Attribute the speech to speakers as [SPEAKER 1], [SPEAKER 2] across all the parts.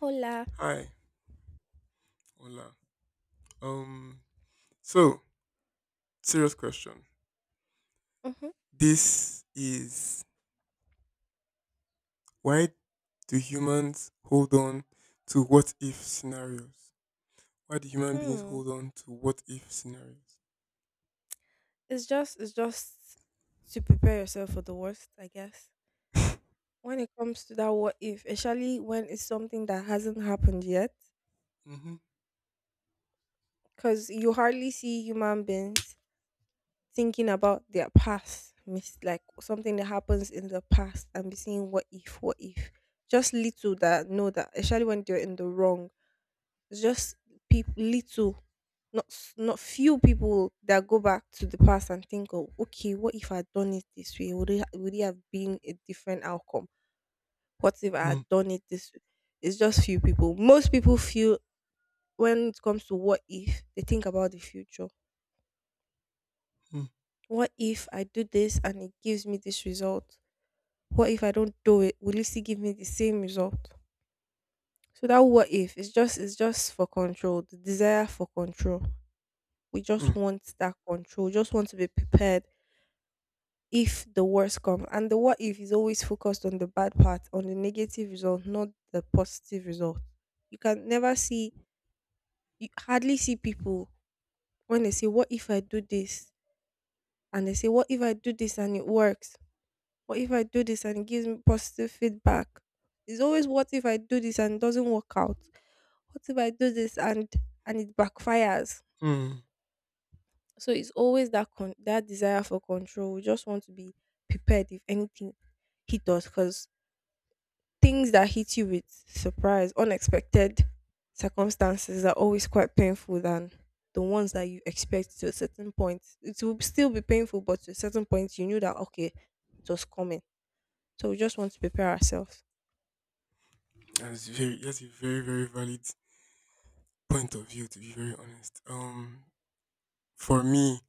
[SPEAKER 1] Hola.
[SPEAKER 2] Hi, hola. Um, so serious question.
[SPEAKER 1] hmm
[SPEAKER 2] This is, why do humans hold on to what if scenarios? Why do human beings
[SPEAKER 1] Hmm.
[SPEAKER 2] hold on to what if scenarios?
[SPEAKER 1] It's just to prepare yourself for the worst, I guess. When it comes to that what if, especially when it's something that hasn't happened yet,
[SPEAKER 2] Mm-hmm.
[SPEAKER 1] because you hardly see human beings thinking about their past, miss like something that happens in the past and be saying what if, what if. Just little that know that, especially when they're in the wrong. It's just people little not few people that go back to the past and think, oh okay, what if I had done it this way, would it have been a different outcome? What if I
[SPEAKER 2] mm
[SPEAKER 1] had done it this way? It's just few people. Most people feel, when it comes to what if, they think about the future.
[SPEAKER 2] mm
[SPEAKER 1] What if I do this and it gives me this result? What if I don't do it, will it still give me the same result? So that what if, it's just for control, the desire for control. We just
[SPEAKER 2] mm
[SPEAKER 1] want that control, just want to be prepared if the worst comes. And the what if is always focused on the bad part, on the negative result, not the positive result. You can never see, you hardly see people when they say, "What if I do this?" And they say, "What if I do this and it works? What if I do this and it gives me positive feedback?" It's always, "What if I do this and it doesn't work out? What if I do this and it backfires?"
[SPEAKER 2] mm.
[SPEAKER 1] So it's always that that desire for control. We just want to be prepared if anything hit us, because things that hit you with surprise, unexpected circumstances, are always quite painful than the ones that you expect to a certain point. It will still be painful, but to a certain point, you knew that okay, it was coming. So we just want to prepare ourselves.
[SPEAKER 2] That's very, that's a very valid point of view. To be very honest, for me,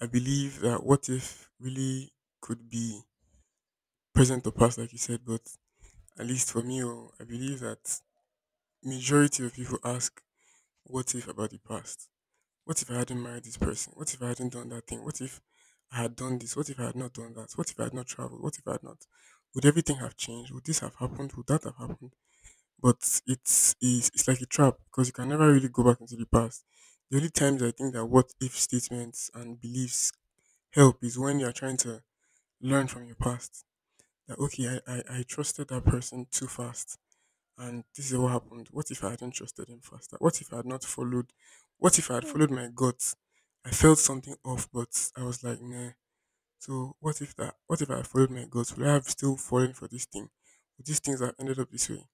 [SPEAKER 2] I believe that what if really could be present or past, like you said, but at least for me, I believe that majority of people ask what if about the past? What if I hadn't married this person? What if I hadn't done that thing? What if I had done this? What if I had not done that? What if I had not traveled? What if I had not? Would everything have changed? Would this have happened? Would that have happened? But it's like a trap because you can never really go back into the past. The only times I think that what if statements and beliefs help is when you are trying to learn from your past. That okay, I trusted that person too fast and this is what happened. What if I hadn't trusted him faster? What if I had not followed? What if I had
[SPEAKER 1] Hmm.
[SPEAKER 2] followed my gut? I felt something off, but I was like, nah. So what if that? What if I had followed my gut? Would I have still fallen for this thing? Would these things have ended up this way?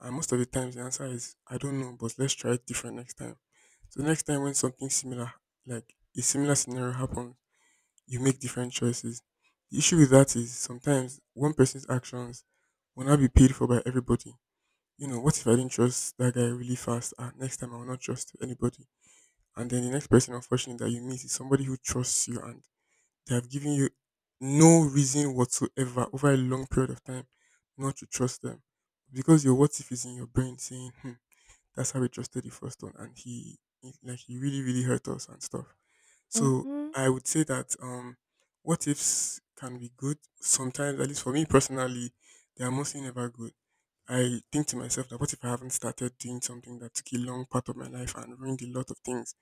[SPEAKER 2] And most of the times, the answer is I don't know, but let's try it different next time. So next time when something similar, like a similar scenario happens, you make different choices. The issue with that is sometimes one person's actions will not be paid for by everybody. You know, what if I didn't trust that guy really fast? Ah, next time I will not trust anybody. And then the next person, unfortunately, that you meet is somebody who trusts you and they have given you no reason whatsoever over a long period of time not to trust them. Because your what if is in your brain saying, hmm, that's how we trusted the first one and like, he really, really hurt us and stuff. So
[SPEAKER 1] Mm-hmm.
[SPEAKER 2] I would say that, what ifs can be good sometimes, at least for me personally, they are mostly never good. I think to myself that what if I haven't started doing something that took a long part of my life and ruined a lot of things?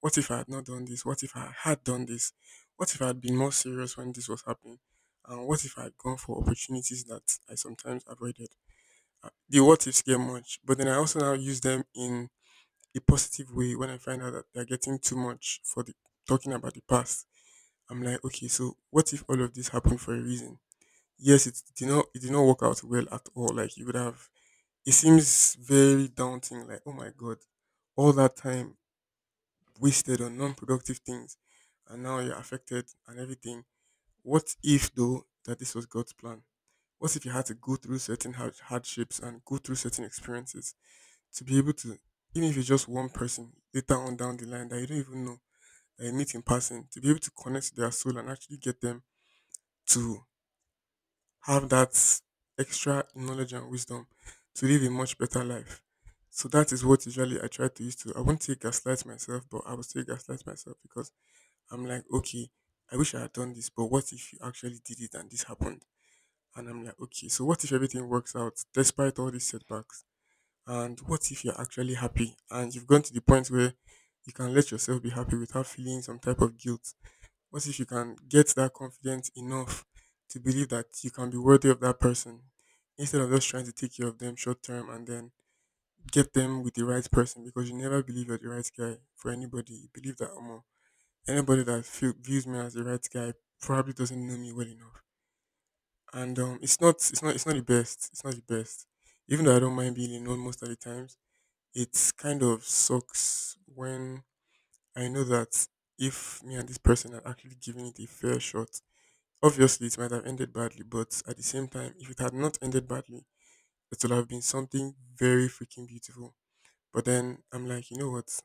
[SPEAKER 2] What if I had not done this? What if I had done this? What if I had been more serious when this was happening? And what if I had gone for opportunities that I sometimes avoided? The what ifs get much, but then I also now use them in a positive way when I find out that they're getting too much for the talking about the past. I'm like, okay, so what if all of this happened for a reason? Yes, it did not work out well at all. Like you would have, it seems very daunting. Like, oh my God, all that time wasted on non productive things, and now you're affected and everything. What if, though, that this was God's plan? What if you had to go through hardships and go through certain experiences to be able to, even if it's just one person later on down the line that you don't even know, that you meet in person, to be able to connect to their soul and actually get them to have that extra knowledge and wisdom to live a much better life. So that is what usually I try to use to. I won't say gaslight myself, but I will still gaslight myself because I'm like, okay, I wish I had done this, but what if you actually did it and this happened? And I'm like, okay, so what if everything works out despite all these setbacks? And what if you're actually happy and you've gone to the point where you can let yourself be happy without feeling some type of guilt? What if you can get that confidence enough to believe that you can be worthy of that person instead of just trying to take care of them short term and then get them with the right person because you never believe you're the right guy for anybody. You believe that anybody that feel, views me as the right guy probably doesn't know me well enough. And um, it's not the best. It's not the best. Even though I don't mind being alone most of the times, it kind of sucks when I know that if me and this person are actually giving it a fair shot, obviously, it might have ended badly, but at the same time, if it had not ended badly, it would have been something very freaking beautiful. But then I'm like, you know what?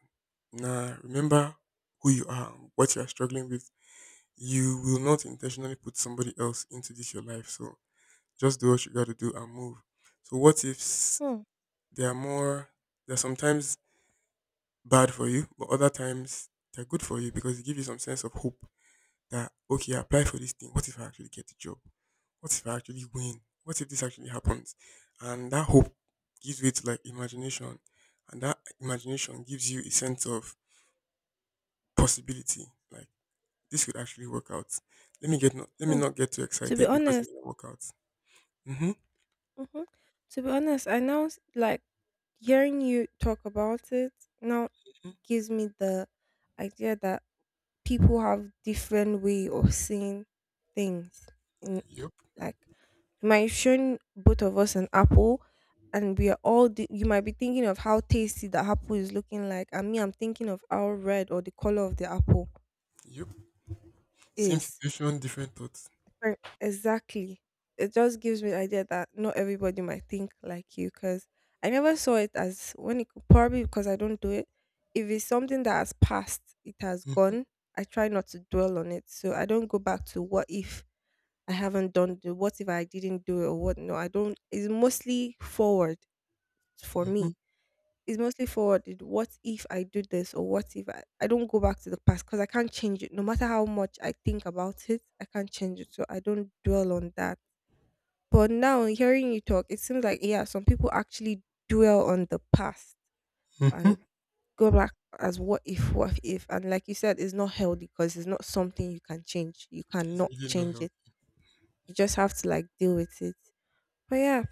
[SPEAKER 2] Nah, remember who you are, what you are struggling with. You will not intentionally put somebody else into this your life. So just do what you got to do and move. So what if s-
[SPEAKER 1] Hmm.
[SPEAKER 2] They are more? They're sometimes bad for you, but other times they're good for you because they give you some sense of hope. That okay, I applied for this thing. What if I actually get the job? What if I actually win? What if this actually happens? And that hope gives way to like imagination, and that imagination gives you a sense of possibility. Like this could actually work out. Let me
[SPEAKER 1] Hmm,
[SPEAKER 2] not get too
[SPEAKER 1] to be
[SPEAKER 2] excited because it
[SPEAKER 1] honest.
[SPEAKER 2] may not work out. Mm-hmm.
[SPEAKER 1] Mhm, to be honest, I now s like, hearing you talk about it now gives me the idea that people have different way of seeing things in,
[SPEAKER 2] Yep.
[SPEAKER 1] like, you might have shown both of us an apple, and we are all di you might be thinking of how tasty the apple is looking like, and me, I'm thinking of how red or the color of the apple
[SPEAKER 2] Yep. Same
[SPEAKER 1] is.
[SPEAKER 2] situation, different thoughts.
[SPEAKER 1] Right, exactly. It just gives me the idea that not everybody might think like you, because I never saw it as, when it, probably because I don't do it. If it's something that has passed, it has
[SPEAKER 2] Mm-hmm.
[SPEAKER 1] gone. I try not to dwell on it. So I don't go back to what if I haven't done, the what if I didn't do it or what, no. I don't, it's mostly forward for
[SPEAKER 2] Mm-hmm.
[SPEAKER 1] me. It's mostly forwarded. What if I do this, or what if I, I don't go back to the past because I can't change it. No matter how much I think about it, I can't change it. So I don't dwell on that. But now hearing you talk, it seems like yeah, some people actually dwell on the past
[SPEAKER 2] Mm-hmm.
[SPEAKER 1] and go back as what if, what if. And like you said, it's not healthy because it's not something you can change. You
[SPEAKER 2] It's
[SPEAKER 1] cannot
[SPEAKER 2] really not
[SPEAKER 1] change
[SPEAKER 2] help.
[SPEAKER 1] it. You just have to like deal with it. But yeah,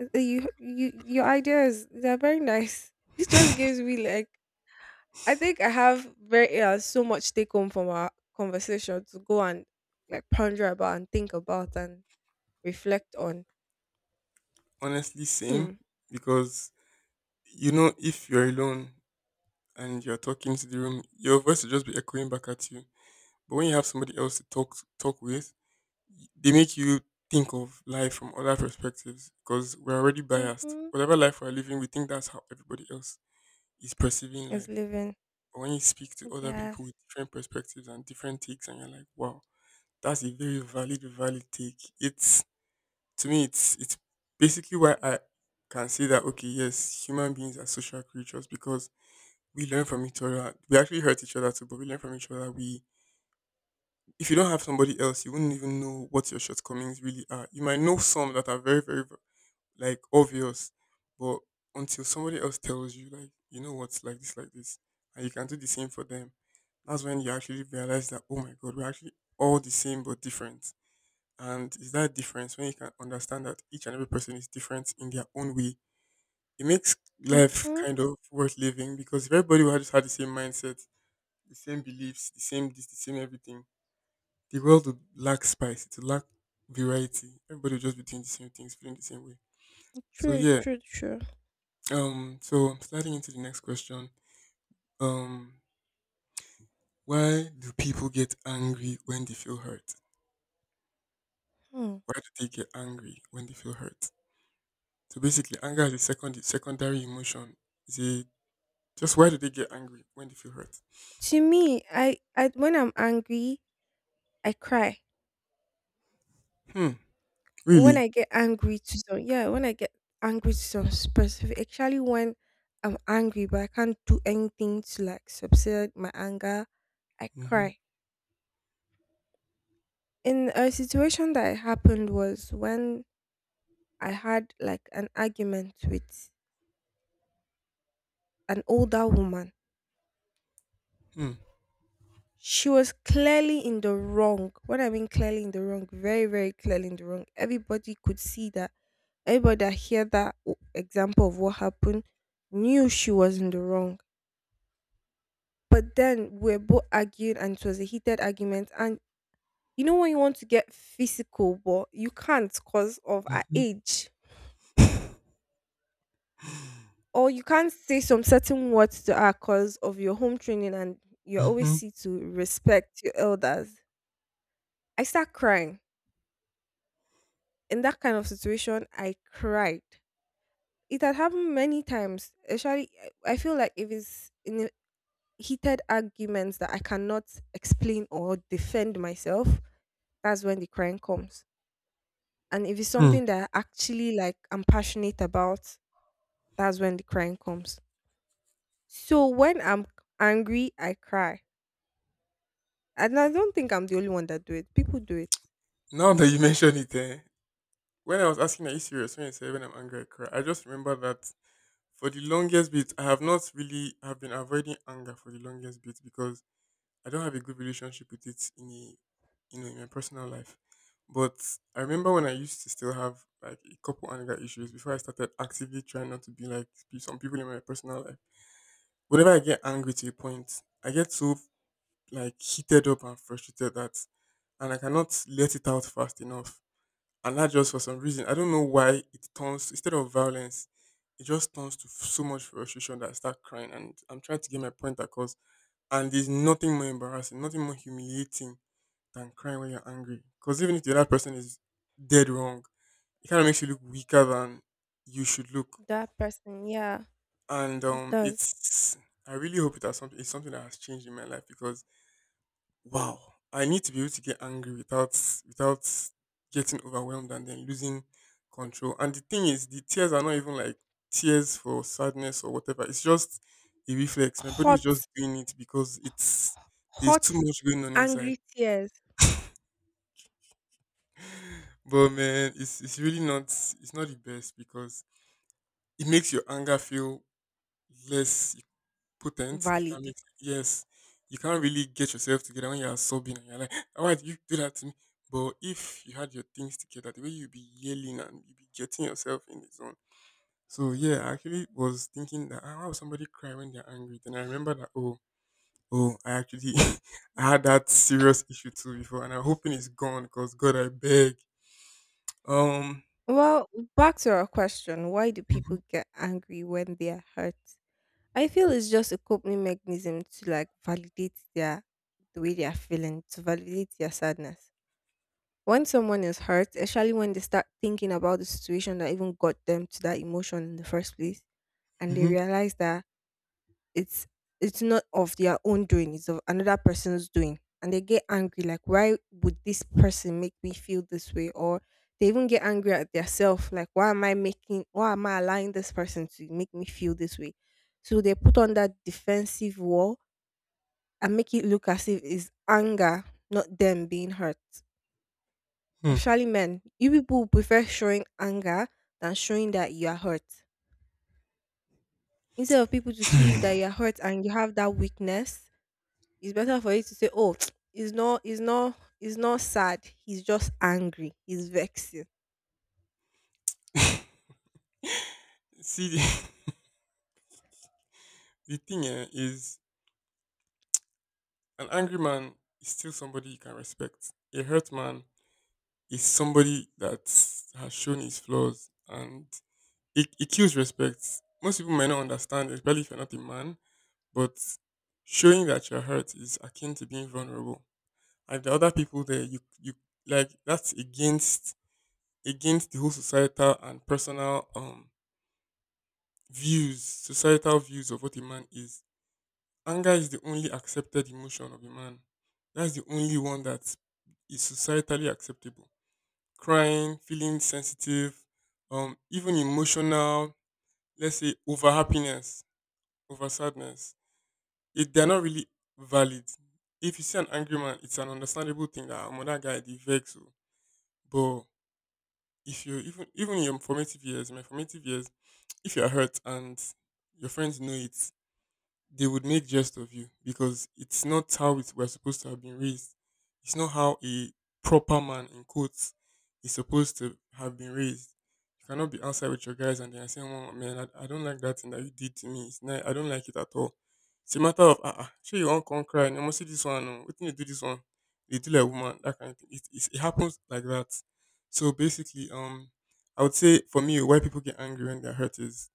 [SPEAKER 1] you, your ideas, they're very nice. It just gives me like, I think I have very so much take home from our conversation to go and like ponder about and think about and reflect on.
[SPEAKER 2] Honestly, same,
[SPEAKER 1] Hmm.
[SPEAKER 2] because you know if you're alone and you're talking to the room, your voice will just be echoing back at you. But when you have somebody else to talk with, they make you think of life from other perspectives because we're already biased.
[SPEAKER 1] Mm-hmm.
[SPEAKER 2] Whatever life we're living, we think that's how everybody else is perceiving
[SPEAKER 1] Is
[SPEAKER 2] life.
[SPEAKER 1] living.
[SPEAKER 2] But when you speak to other
[SPEAKER 1] Yes.
[SPEAKER 2] people with different perspectives and different takes, and you're like, wow, that's a very valid, valid take. It's to me, it's basically why I can say that okay, yes, human beings are social creatures because we learn from each other. We actually hurt each other too, but we learn from each other. We, if you don't have somebody else, you wouldn't even know what your shortcomings really are. You might know some that are like obvious, but until somebody else tells you, like, you know what's like this, and you can do the same for them, that's when you actually realize that, oh my God, we're actually all the same but different. And is that difference when you can understand that each and every person is different in their own way? It makes life
[SPEAKER 1] Mm-hmm.
[SPEAKER 2] kind of worth living because if everybody had just had the same mindset, the same beliefs, the same this, the same everything, the world would lack spice, it would lack variety. Everybody would just be doing the same things, feeling the same way. So
[SPEAKER 1] True.
[SPEAKER 2] yeah,
[SPEAKER 1] True. True.
[SPEAKER 2] so sliding into the next question, um, why do people get angry when they feel hurt?
[SPEAKER 1] Hmm.
[SPEAKER 2] Why do they get angry when they feel hurt? So basically, anger is a secondary emotion. Is a just why do they get angry when they feel hurt?
[SPEAKER 1] To me, I when I'm angry, I cry.
[SPEAKER 2] Hmm.
[SPEAKER 1] When
[SPEAKER 2] Really?
[SPEAKER 1] I get angry to some, yeah, when I get angry to some specific, actually when I'm angry but I can't do anything to like subside my anger, I
[SPEAKER 2] Hmm.
[SPEAKER 1] cry. In a situation that happened was when I had like an argument with an older woman.
[SPEAKER 2] Hmm.
[SPEAKER 1] She was clearly in the wrong. What I mean, clearly in the wrong, very, very clearly in the wrong. Everybody could see that. Everybody that heard that example of what happened knew she was in the wrong. But then we are both arguing and it was a heated argument. And you know when you want to get physical, but you can't because of our
[SPEAKER 2] Hmm.
[SPEAKER 1] age, or you can't say some certain words to her because of your home training and you're always
[SPEAKER 2] Hmm.
[SPEAKER 1] see to respect your elders. I start crying. In that kind of situation, I cried. It had happened many times. Actually, I feel like if it's in a heated arguments that I cannot explain or defend myself, that's when the crying comes. And if it's
[SPEAKER 2] Hmm.
[SPEAKER 1] something that I actually like I'm passionate about, that's when the crying comes. So when I'm angry, I cry. And I don't think I'm the only one that do it. People do it.
[SPEAKER 2] Now that you mention it, eh? When I was asking, are you serious? When you said when I'm angry, I cry. I just remember that for the longest bit, I have not really I have been avoiding anger for the longest bit because I don't have a good relationship with it in a, you know, in my personal life. But I remember when I used to still have like a couple anger issues before I started actively trying not to be like some people in my personal life. Whenever I get angry to a point, I get so like heated up and frustrated that, and I cannot let it out fast enough, and that just for some reason, I don't know why, it turns, instead of violence, it just turns to so much frustration that I start crying. And I'm trying to get my point across. And there's nothing more embarrassing, nothing more humiliating than crying when you're angry. Because even if the other person is dead wrong, it kind of makes you look weaker than you should look.
[SPEAKER 1] That person, yeah,
[SPEAKER 2] And
[SPEAKER 1] it does.
[SPEAKER 2] it's I really hope it has something. It's something that has changed in my life because wow, I need to be able to get angry without, without getting overwhelmed and then losing control. And the thing is, the tears are not even like tears for sadness or whatever. It's just a reflex. My body is just
[SPEAKER 1] Hot,
[SPEAKER 2] doing it because it's there's too
[SPEAKER 1] hot,
[SPEAKER 2] much going on inside.
[SPEAKER 1] angry tears.
[SPEAKER 2] But man, it's really not the best because it makes your anger feel less, potent, if that
[SPEAKER 1] Valid.
[SPEAKER 2] makes. Yes, you can't really get yourself together when you're sobbing and you're like, "Ah, why did you do that to me?" But if you had your things together, the way you'd be yelling and you'd be getting yourself in the zone. So yeah, I actually was thinking that, "Ah, why would somebody cry when they're angry?" Then I remember that oh I actually I had that serious issue too before and I'm hoping it's gone because God, I beg. Um
[SPEAKER 1] Well, back to our question, why do people get angry when they are hurt? I feel it's just a coping mechanism to like validate the way they are feeling, to validate their sadness. When someone is hurt, especially when they start thinking about the situation that even got them to that emotion in the first place, and
[SPEAKER 2] mhm,
[SPEAKER 1] they
[SPEAKER 2] mhm.
[SPEAKER 1] realize that it's it's not of their own doing, it's of another person's doing, and they get angry like, why would this person make me feel this way? Or they even get angry at themselves like, why am I allowing this person to make me feel this way? So they put on that defensive wall and make it look as if it's anger, not them being hurt.
[SPEAKER 2] Hmm.
[SPEAKER 1] Especially men, you people prefer showing anger than showing that you are hurt, instead of people to see you that you are hurt and you have that weakness. It's better for you to say, "Oh, he's not, he's not, he's not sad. He's just angry. He's vexing."
[SPEAKER 2] See the thing, eh, is an angry man is still somebody you can respect. A hurt man is somebody that has shown his flaws and it kills respect. Most people may not understand, especially if you're not a man, but showing that you're hurt is akin to being vulnerable. And the other people there, you like that's against against the whole societal and personal views, societal views of what a man is. Anger is the only accepted emotion of a man. That's the only one that is societally acceptable. Crying, feeling sensitive, even emotional, let's say over happiness, over sadness, they're not really valid. If you see an angry man, it's an understandable thing that I'm that guy, the vex, oh." But if you even even in your formative years, my formative years, if you're hurt and your friends know it, they would make jest of you because it's not how we're supposed to have been raised. It's not how a proper man in quotes is supposed to have been raised. You cannot be outside with your guys and they are saying, "Oh man, I don't like that thing that you did to me. It's not, I don't like it at all." It's a matter of ah, uh-uh, sure you won't come cry. You must see this one. No. What can you do this one? They do like woman that kind of thing. It happens like that. So basically, I would say for me, why people get angry when they're hurt is,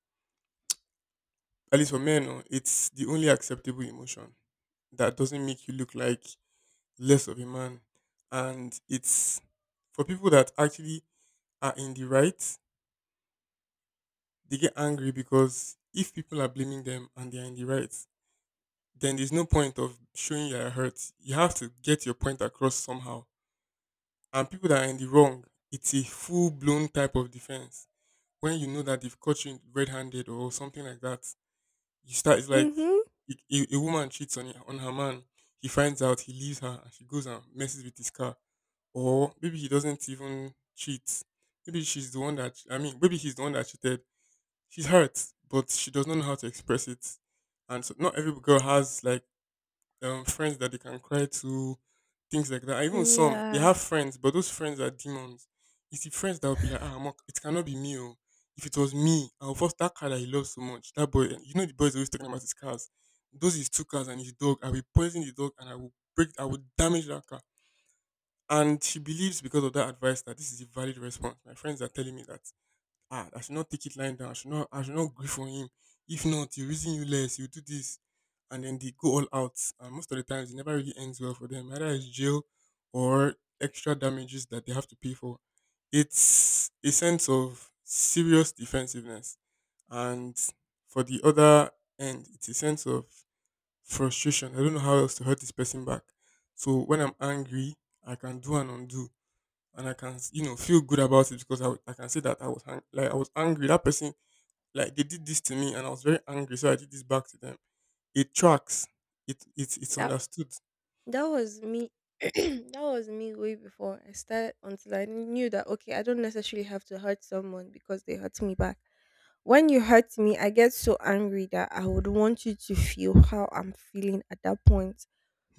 [SPEAKER 2] at least for men, oh, it's the only acceptable emotion that doesn't make you look like less of a man. And it's for people that actually are in the right, they get angry because if people are blaming them and they are in the right, then there's no point of showing you're hurt. You have to get your point across somehow. And people that are in the wrong, it's a full blown type of defense. When you know that they've caught you red handed or something like that, you start it's like
[SPEAKER 1] Mm-hmm.
[SPEAKER 2] a woman cheats on her man. He finds out, he leaves her, and she goes and messes with his car. Or maybe he doesn't even cheat. Maybe she's the one that I mean, maybe he's the one that cheated. She's hurt, but she does not know how to express it. And so not every girl has like friends that they can cry to, things like that. And even some, they
[SPEAKER 1] Yeah,
[SPEAKER 2] have friends, but those friends are demons. It's the friends that will be like, ah, Mark, it cannot be me. Oh. If it was me, I'll force that car that he loves so much. That boy, you know, the boy is always talking about his cars. Those his two cars and his dog. I will poison the dog and I will break, I will damage that car. And she believes because of that advice that this is a valid response. My friends are telling me that ah, I should not take it lying down. I should not grieve for him. If not, he'll reason you less. He'll do this. And then they go all out. And most of the times, it never really ends well for them. Either it's jail or extra damages that they have to pay for. It's a sense of serious defensiveness. And for the other end, it's a sense of frustration. I don't know how else to hurt this person back. So when I'm angry, I can do and undo and I can you know feel good about it because I can say that like I was angry. That person like they did this to me and I was very angry, so I did this back to them. It tracks. It's it's
[SPEAKER 1] that.
[SPEAKER 2] understood.
[SPEAKER 1] That was me. That was me way before I started, until I knew that okay, I don't necessarily have to hurt someone because they hurt me back. When you hurt me, I get so angry that I would want you to feel how I'm feeling at that point.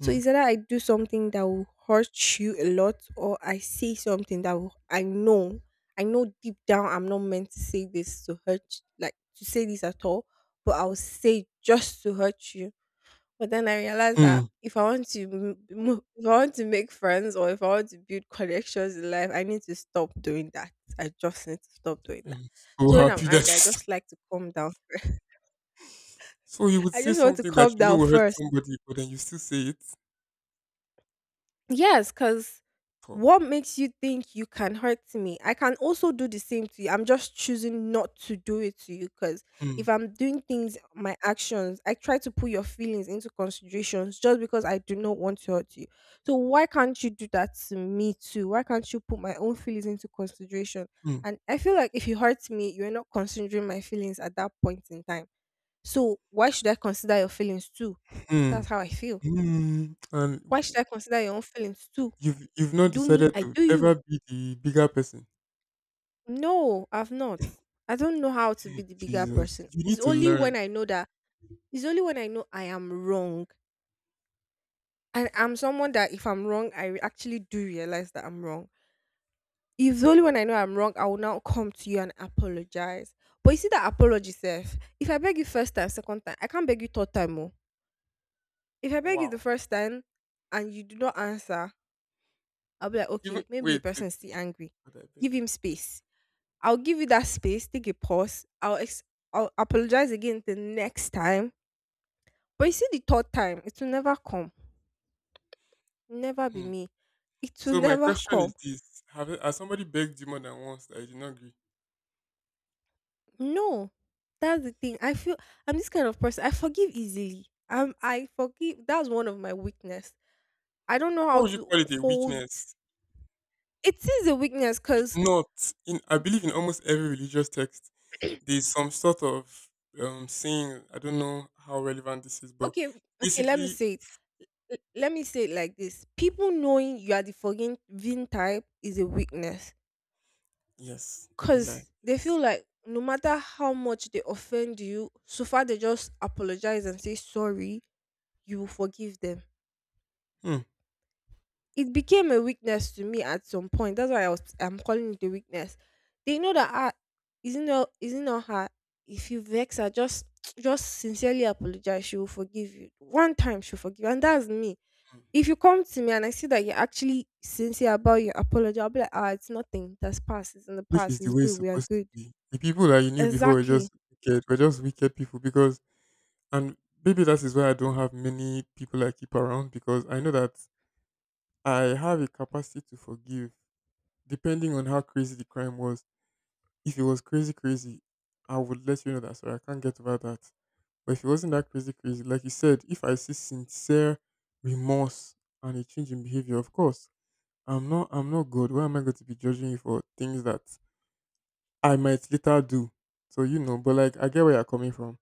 [SPEAKER 1] So it's either I do something that will hurt you a lot, or I say something that will, I know deep down I'm not meant to say this to hurt, like to say this at all, but I'll say just to hurt you. But then I realized that
[SPEAKER 2] Hmm.
[SPEAKER 1] if I want to if I want to make friends or if I want to build connections in life, I need to stop doing that. I just need to stop doing that.
[SPEAKER 2] I'm so
[SPEAKER 1] So when I'm
[SPEAKER 2] happy that you.
[SPEAKER 1] angry, I
[SPEAKER 2] St-
[SPEAKER 1] just like to calm down.
[SPEAKER 2] so you would
[SPEAKER 1] I
[SPEAKER 2] say
[SPEAKER 1] just want to
[SPEAKER 2] something that
[SPEAKER 1] calm
[SPEAKER 2] you know
[SPEAKER 1] down
[SPEAKER 2] will hurt
[SPEAKER 1] first.
[SPEAKER 2] somebody, but then you still say it.
[SPEAKER 1] Yes, because
[SPEAKER 2] Oh.
[SPEAKER 1] what makes you think you can hurt me? I can also do the same to you. I'm just choosing not to do it to you because
[SPEAKER 2] Hmm.
[SPEAKER 1] if I'm doing things, my actions, I try to put your feelings into considerations just because I do not want to hurt you. So why can't you do that to me too? Why can't you put my own feelings into consideration?
[SPEAKER 2] Hmm.
[SPEAKER 1] And I feel like if you hurt me, you're not considering my feelings at that point in time. So why should I consider your feelings too? That's
[SPEAKER 2] Hmm.
[SPEAKER 1] how I feel.
[SPEAKER 2] Hmm. And
[SPEAKER 1] Why should I consider your own feelings too?
[SPEAKER 2] you've not
[SPEAKER 1] Do me,
[SPEAKER 2] decided
[SPEAKER 1] I
[SPEAKER 2] to
[SPEAKER 1] do you.
[SPEAKER 2] ever be the bigger person.
[SPEAKER 1] No, I've not. I don't know how to be the bigger
[SPEAKER 2] Jesus,
[SPEAKER 1] person.
[SPEAKER 2] you need to learn.
[SPEAKER 1] It's only when I know I am wrong. And I'm someone that if I'm wrong, I actually do realize that I'm wrong. It's only when I know I'm wrong, I will now come to you and apologize. But you see that apology, self. If I beg you first time, second time, I can't beg you third time. Oh. If I beg you the
[SPEAKER 2] Wow.
[SPEAKER 1] first time and you do not answer, I'll be like,
[SPEAKER 2] Even
[SPEAKER 1] okay, maybe the person is still angry.
[SPEAKER 2] I beg.
[SPEAKER 1] Give him space. I'll give you that space, take a pause. I'll apologize again the next time. But you see, the third time, it will never come. Never be
[SPEAKER 2] Hmm.
[SPEAKER 1] me. It will
[SPEAKER 2] So my
[SPEAKER 1] never
[SPEAKER 2] question
[SPEAKER 1] come.
[SPEAKER 2] is this: Have has somebody begged you more than once that you did not agree?
[SPEAKER 1] No, that's the thing. I feel I'm this kind of person. I forgive easily. I forgive. That's one of my weakness. I don't know
[SPEAKER 2] How
[SPEAKER 1] how
[SPEAKER 2] would you
[SPEAKER 1] to
[SPEAKER 2] call it a
[SPEAKER 1] hold.
[SPEAKER 2] weakness?
[SPEAKER 1] It is a weakness
[SPEAKER 2] It's
[SPEAKER 1] because
[SPEAKER 2] not. In I believe in almost every religious text, there's some sort of saying. I don't know how relevant this is, but
[SPEAKER 1] okay, okay. Let me
[SPEAKER 2] basically,
[SPEAKER 1] say it. Let me say it like this: people knowing you are the forgiving type is a weakness.
[SPEAKER 2] yes, don't be like
[SPEAKER 1] Because they
[SPEAKER 2] yes.
[SPEAKER 1] feel like no matter how much they offend you, so far they just apologize and say sorry, you will forgive them.
[SPEAKER 2] Hmm.
[SPEAKER 1] It became a weakness to me at some point. That's why I'm calling it a weakness. They know that ah, isn't not her. If you vex her, just just sincerely apologize. She will forgive you. One time she'll forgive you. And that's me. If you come to me and I see that you're actually sincere about your apology, I'll be like, ah, it's nothing. That's past. It's in the
[SPEAKER 2] Which is
[SPEAKER 1] past.
[SPEAKER 2] the
[SPEAKER 1] It's
[SPEAKER 2] way it's
[SPEAKER 1] good. We are
[SPEAKER 2] supposed to
[SPEAKER 1] good.
[SPEAKER 2] be. The people that you knew before were
[SPEAKER 1] Exactly.
[SPEAKER 2] just wicked. Were just wicked people because, and maybe that is why I don't have many people I keep around because I know that I have a capacity to forgive depending on how crazy the crime was, if it was crazy, crazy, I would let you know that. Sorry, I can't get over that. But if it wasn't that crazy, crazy, like you said, if I see sincere remorse and a change in behavior, of course, I'm not good. Why am I going to be judging you for things that I might later do? So you know, but like I get where you're coming from.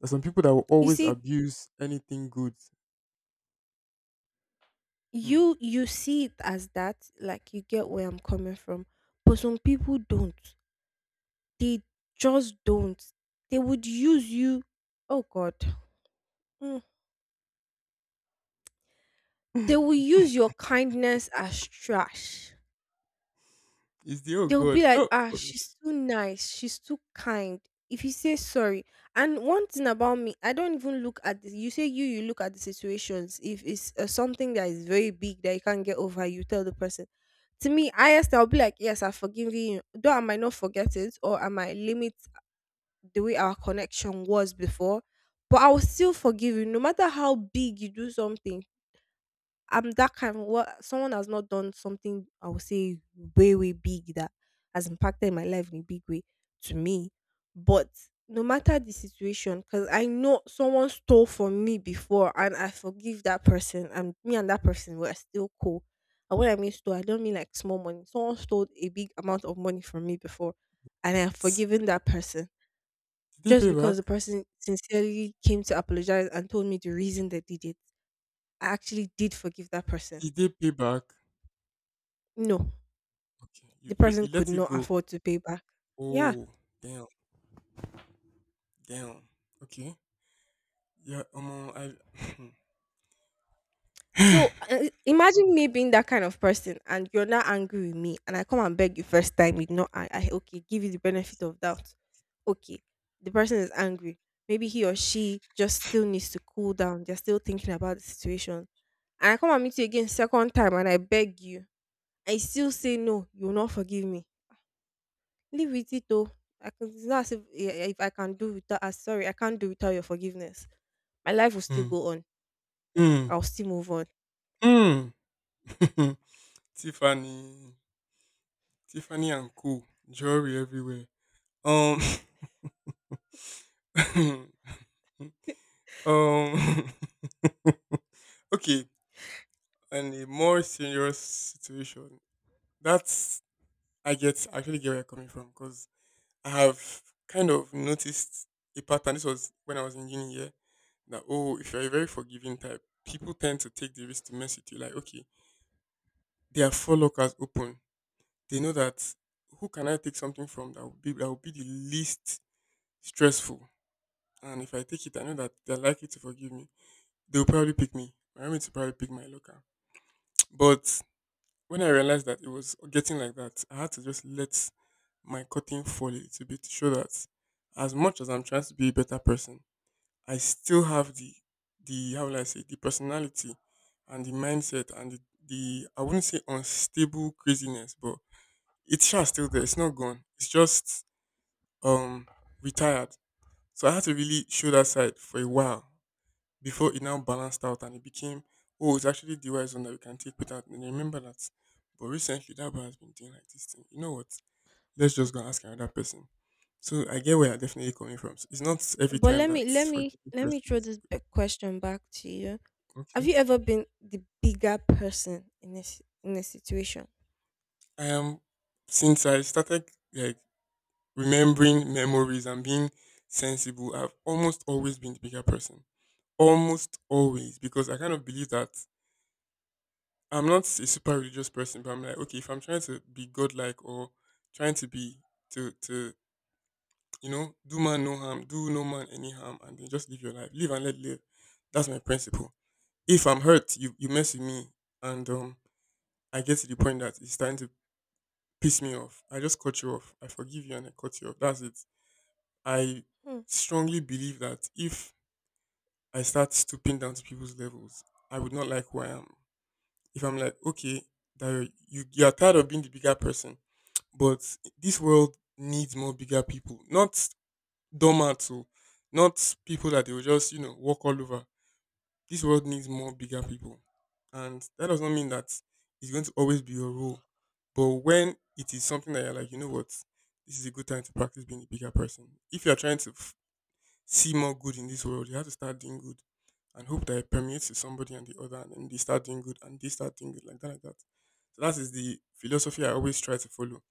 [SPEAKER 2] There's some people that will
[SPEAKER 1] You
[SPEAKER 2] always
[SPEAKER 1] see,
[SPEAKER 2] abuse anything good. Hmm.
[SPEAKER 1] you see it as that, like, you get where I'm coming from, but some people don't. They just don't. They would use you. Oh god. Mm. They will use your kindness as trash.
[SPEAKER 2] Is the oh
[SPEAKER 1] They'll be
[SPEAKER 2] god?
[SPEAKER 1] like,
[SPEAKER 2] Oh,
[SPEAKER 1] ah,
[SPEAKER 2] for me.
[SPEAKER 1] she's too nice, she's too kind. If you say sorry, and one thing about me, I don't even look at this. You say, you look at the situations. If it's something that is very big that you can't get over, you tell the person. To me, highest, I'll be like, yes, I've forgiven you. Though I might not forget it, or I might limit the way our connection was before, but I will still forgive you no matter how big you do something. I'm that kind of what someone has not done something I would say way, way big that has impacted my life in a big way to me. But no matter the situation, because I know someone stole from me before and I forgive that person, and me and that person were still cool. And when I mean stole, I don't mean like small money. Someone stole a big amount of money from me before and I have forgiven that person
[SPEAKER 2] Did
[SPEAKER 1] just
[SPEAKER 2] they pay
[SPEAKER 1] because the
[SPEAKER 2] back?
[SPEAKER 1] person sincerely came to apologize and told me the reason they did it. I actually did forgive that person.
[SPEAKER 2] Did they pay back?
[SPEAKER 1] No.
[SPEAKER 2] Okay,
[SPEAKER 1] The person
[SPEAKER 2] you
[SPEAKER 1] could
[SPEAKER 2] let it
[SPEAKER 1] not
[SPEAKER 2] go.
[SPEAKER 1] afford to pay back. Yeah.
[SPEAKER 2] Oh, damn, damn. Okay. Yeah, I
[SPEAKER 1] So imagine me being that kind of person and you're not angry with me, and I come and beg you first time, you know, I okay, give you the benefit of doubt. Okay. The person is angry. Maybe he or she just still needs to cool down. They're still thinking about the situation. And I come and meet you again second time and I beg you. I still say no, you will not forgive me. Leave with it though. I can, it's not as if, eh, eh, if I can do without, sorry, I can't do without your forgiveness, my life will still
[SPEAKER 2] hmm,
[SPEAKER 1] go on.
[SPEAKER 2] hmm,
[SPEAKER 1] I'll still move on.
[SPEAKER 2] hmm. Tiffany, Tiffany and Co. Jewelry everywhere. Um, um. Okay, and a more serious situation. That's I get. I actually get where you're coming from because I have kind of noticed a pattern. This was when I was in uni, yeah. That oh, if you're a very forgiving type, people tend to take the risk to mess with you. Like, okay, their four lockers open, they know that who can I take something from that will be the least stressful. And if I take it, I know that they're likely to forgive me. They'll probably pick me. My roommates will probably pick my locker. But when I realized that it was getting like that, I had to just let my cutting fall a little bit to show that as much as I'm trying to be a better person, I still have the how will I say the personality and the mindset and the I wouldn't say unstable craziness, but it's sha still there. It's not gone. It's just um retired. So I had to really show that side for a while before it now balanced out and it became oh it's actually the wise one that we can take without and I remember that. But recently that boy has been doing like this thing. You know what? Let's just go and ask another person. So I get where you're definitely coming from. It's not every
[SPEAKER 1] But
[SPEAKER 2] time
[SPEAKER 1] let me
[SPEAKER 2] that
[SPEAKER 1] let me
[SPEAKER 2] forgiving
[SPEAKER 1] let me throw
[SPEAKER 2] persons.
[SPEAKER 1] this back question back to you. Have
[SPEAKER 2] Okay.
[SPEAKER 1] you ever been the bigger person in this in a situation?
[SPEAKER 2] I am since I started like remembering memories and being sensible, I've almost always been the bigger person. Almost always, because I kind of believe that I'm not a super religious person, but I'm like, okay, if I'm trying to be godlike or trying to be to you know do man no harm, do no man any harm, and then just live your life, live and let live. That's my principle. If I'm hurt, you mess with me, and I get to the point that it's starting to piss me off. I just cut you off. I forgive you and I cut you off. That's it. I
[SPEAKER 1] Hmm.
[SPEAKER 2] strongly believe that if I start stooping down to people's levels, I would not like who I am. If I'm like, okay, that you are tired of being the bigger person, but this world needs more bigger people, not doormats, oh, not people that they will just you know walk all over. This world needs more bigger people, and that does not mean that it's going to always be your role. But when it is something that you're like, you know what, this is a good time to practice being a bigger person. If you're trying to see more good in this world, you have to start doing good and hope that it permeates to somebody and the other, and then they start doing good and they start doing good like that, like that. So that is the philosophy I always try to follow.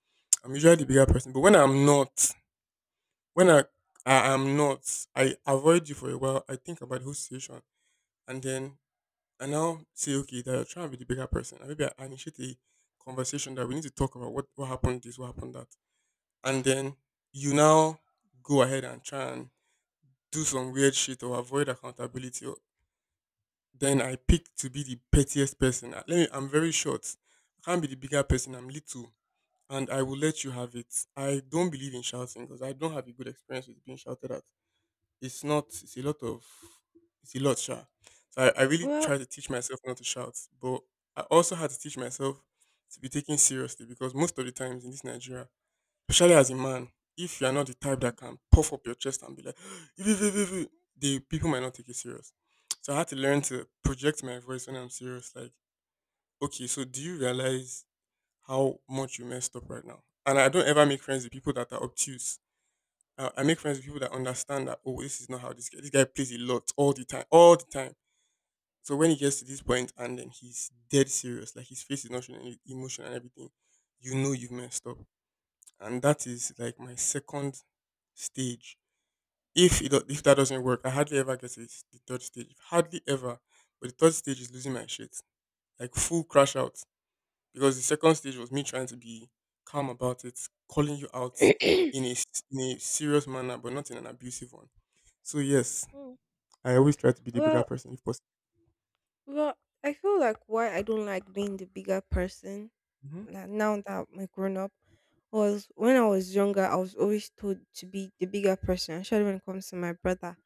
[SPEAKER 2] I'm usually the bigger person, but when I'm not, when I am not, I avoid you for a while. I think about the whole situation, and then I now say, okay, that you're trying to be the bigger person, and maybe I initiate a conversation that we need to talk about what happened this, what happened that, and then you now go ahead and try and do some weird shit or avoid accountability, or, then I pick to be the pettiest person. Let me, I'm very short. I can't be the bigger person. I'm little, and I will let you have it. I don't believe in shouting because I don't have a good experience with being shouted at. It's not. It's a lot of. It's a lot, sha. So I really
[SPEAKER 1] Well,
[SPEAKER 2] try to teach myself not to shout, but I also had to teach myself to be taken seriously because most of the times in this Nigeria, especially as a man, if you are not the type
[SPEAKER 1] hmm.
[SPEAKER 2] that can puff up your chest and be like, "Ew, ew, ew, ew, ew," the people might not take you serious. So I had to learn to project my voice when I'm serious. Like, okay, so do you realize how much you messed up right now? And I don't ever make friends with people that are obtuse. I make friends with people that understand that, oh, this is not how this guy plays a lot all the time, all the time. So when he gets to this point and then he's dead serious, like his face is not showing any emotion and everything, you know you've messed up, and that is like my second stage. If it, do- If that doesn't work, I hardly ever get to the third stage. Hardly ever. But the third stage is losing my shit, like full crash out. Because the second stage was me trying to be calm about it, calling you out in a serious manner, but not in an abusive one. So yes,
[SPEAKER 1] Hmm.
[SPEAKER 2] I always try to be the bigger
[SPEAKER 1] Well,
[SPEAKER 2] person if possible.
[SPEAKER 1] well. I feel like why I don't like being the bigger person,
[SPEAKER 2] Hmm.
[SPEAKER 1] like now that I'm a grown up, was when I was younger. I was always told to be the bigger person, especially when it comes to my brother.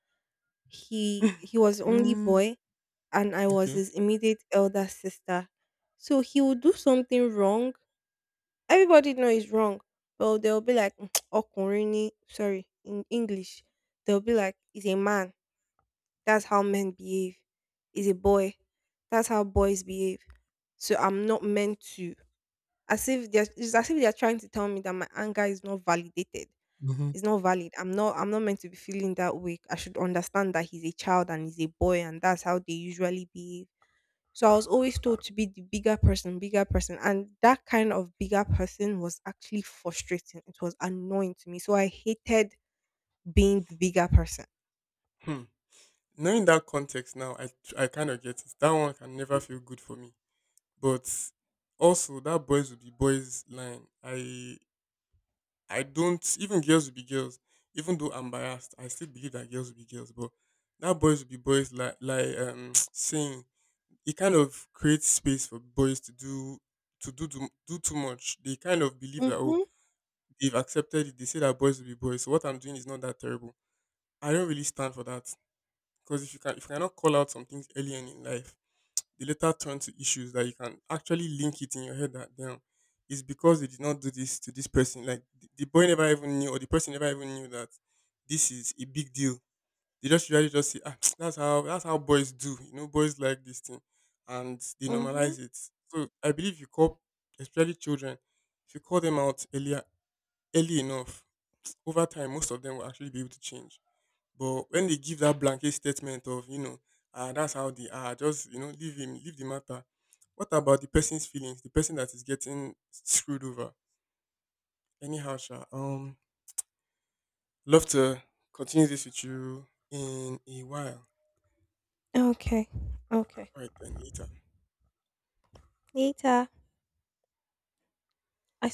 [SPEAKER 1] He he was the only
[SPEAKER 2] Mm.
[SPEAKER 1] boy, and I was
[SPEAKER 2] Okay.
[SPEAKER 1] his immediate elder sister. So he would do something wrong. Everybody know it's wrong, but they'll be like, "Mm," "Ọkùnrin ni," sorry, in English, they'll be like, "He's a man. That's how men behave. He's a boy. That's how boys behave." So I'm not meant to. As if they're, it's as if they're trying to tell me that my anger is not validated.
[SPEAKER 2] Hmm.
[SPEAKER 1] It's not valid. I'm not meant to be feeling that way. I should understand that he's a child and he's a boy and that's how they usually behave. So I was always told to be the bigger person, bigger person. And that kind of bigger person was actually frustrating. It was annoying to me. So I hated being the bigger person.
[SPEAKER 2] Hmm. Knowing that context now, I kind of get it. That one can never feel good for me. But also that boys will be boys line. I don't even, girls will be girls. Even though I'm biased, I still believe that girls will be girls. But that boys will be boys, like saying, it kind of creates space for boys to do do too much. They kind of believe that, oh,
[SPEAKER 1] Mm-hmm.
[SPEAKER 2] they've accepted it. They say that boys will be boys. So what I'm doing is not that terrible. I don't really stand for that, because if you cannot call out some things early on in life, they later turn to issues that you can actually link it in your head that, damn, it's because they did not do this to this person. Like the boy never even knew or the person never even knew that this is a big deal. They just usually just say, ah, that's how boys do. You know, boys like this thing, and they
[SPEAKER 1] Mm-hmm.
[SPEAKER 2] normalize it. So I believe you call, especially children, if you call them out earlier early enough, over time most of them will actually be able to change. But when they give that blanket statement of, you know, ah, that's how they are, just, you know, leave him, leave the matter. What about the person's feelings, the person that is getting screwed over? Anyhow, sha, love to continue this with you in a while.
[SPEAKER 1] Okay. Okay.
[SPEAKER 2] All right, then, later.
[SPEAKER 1] Later. I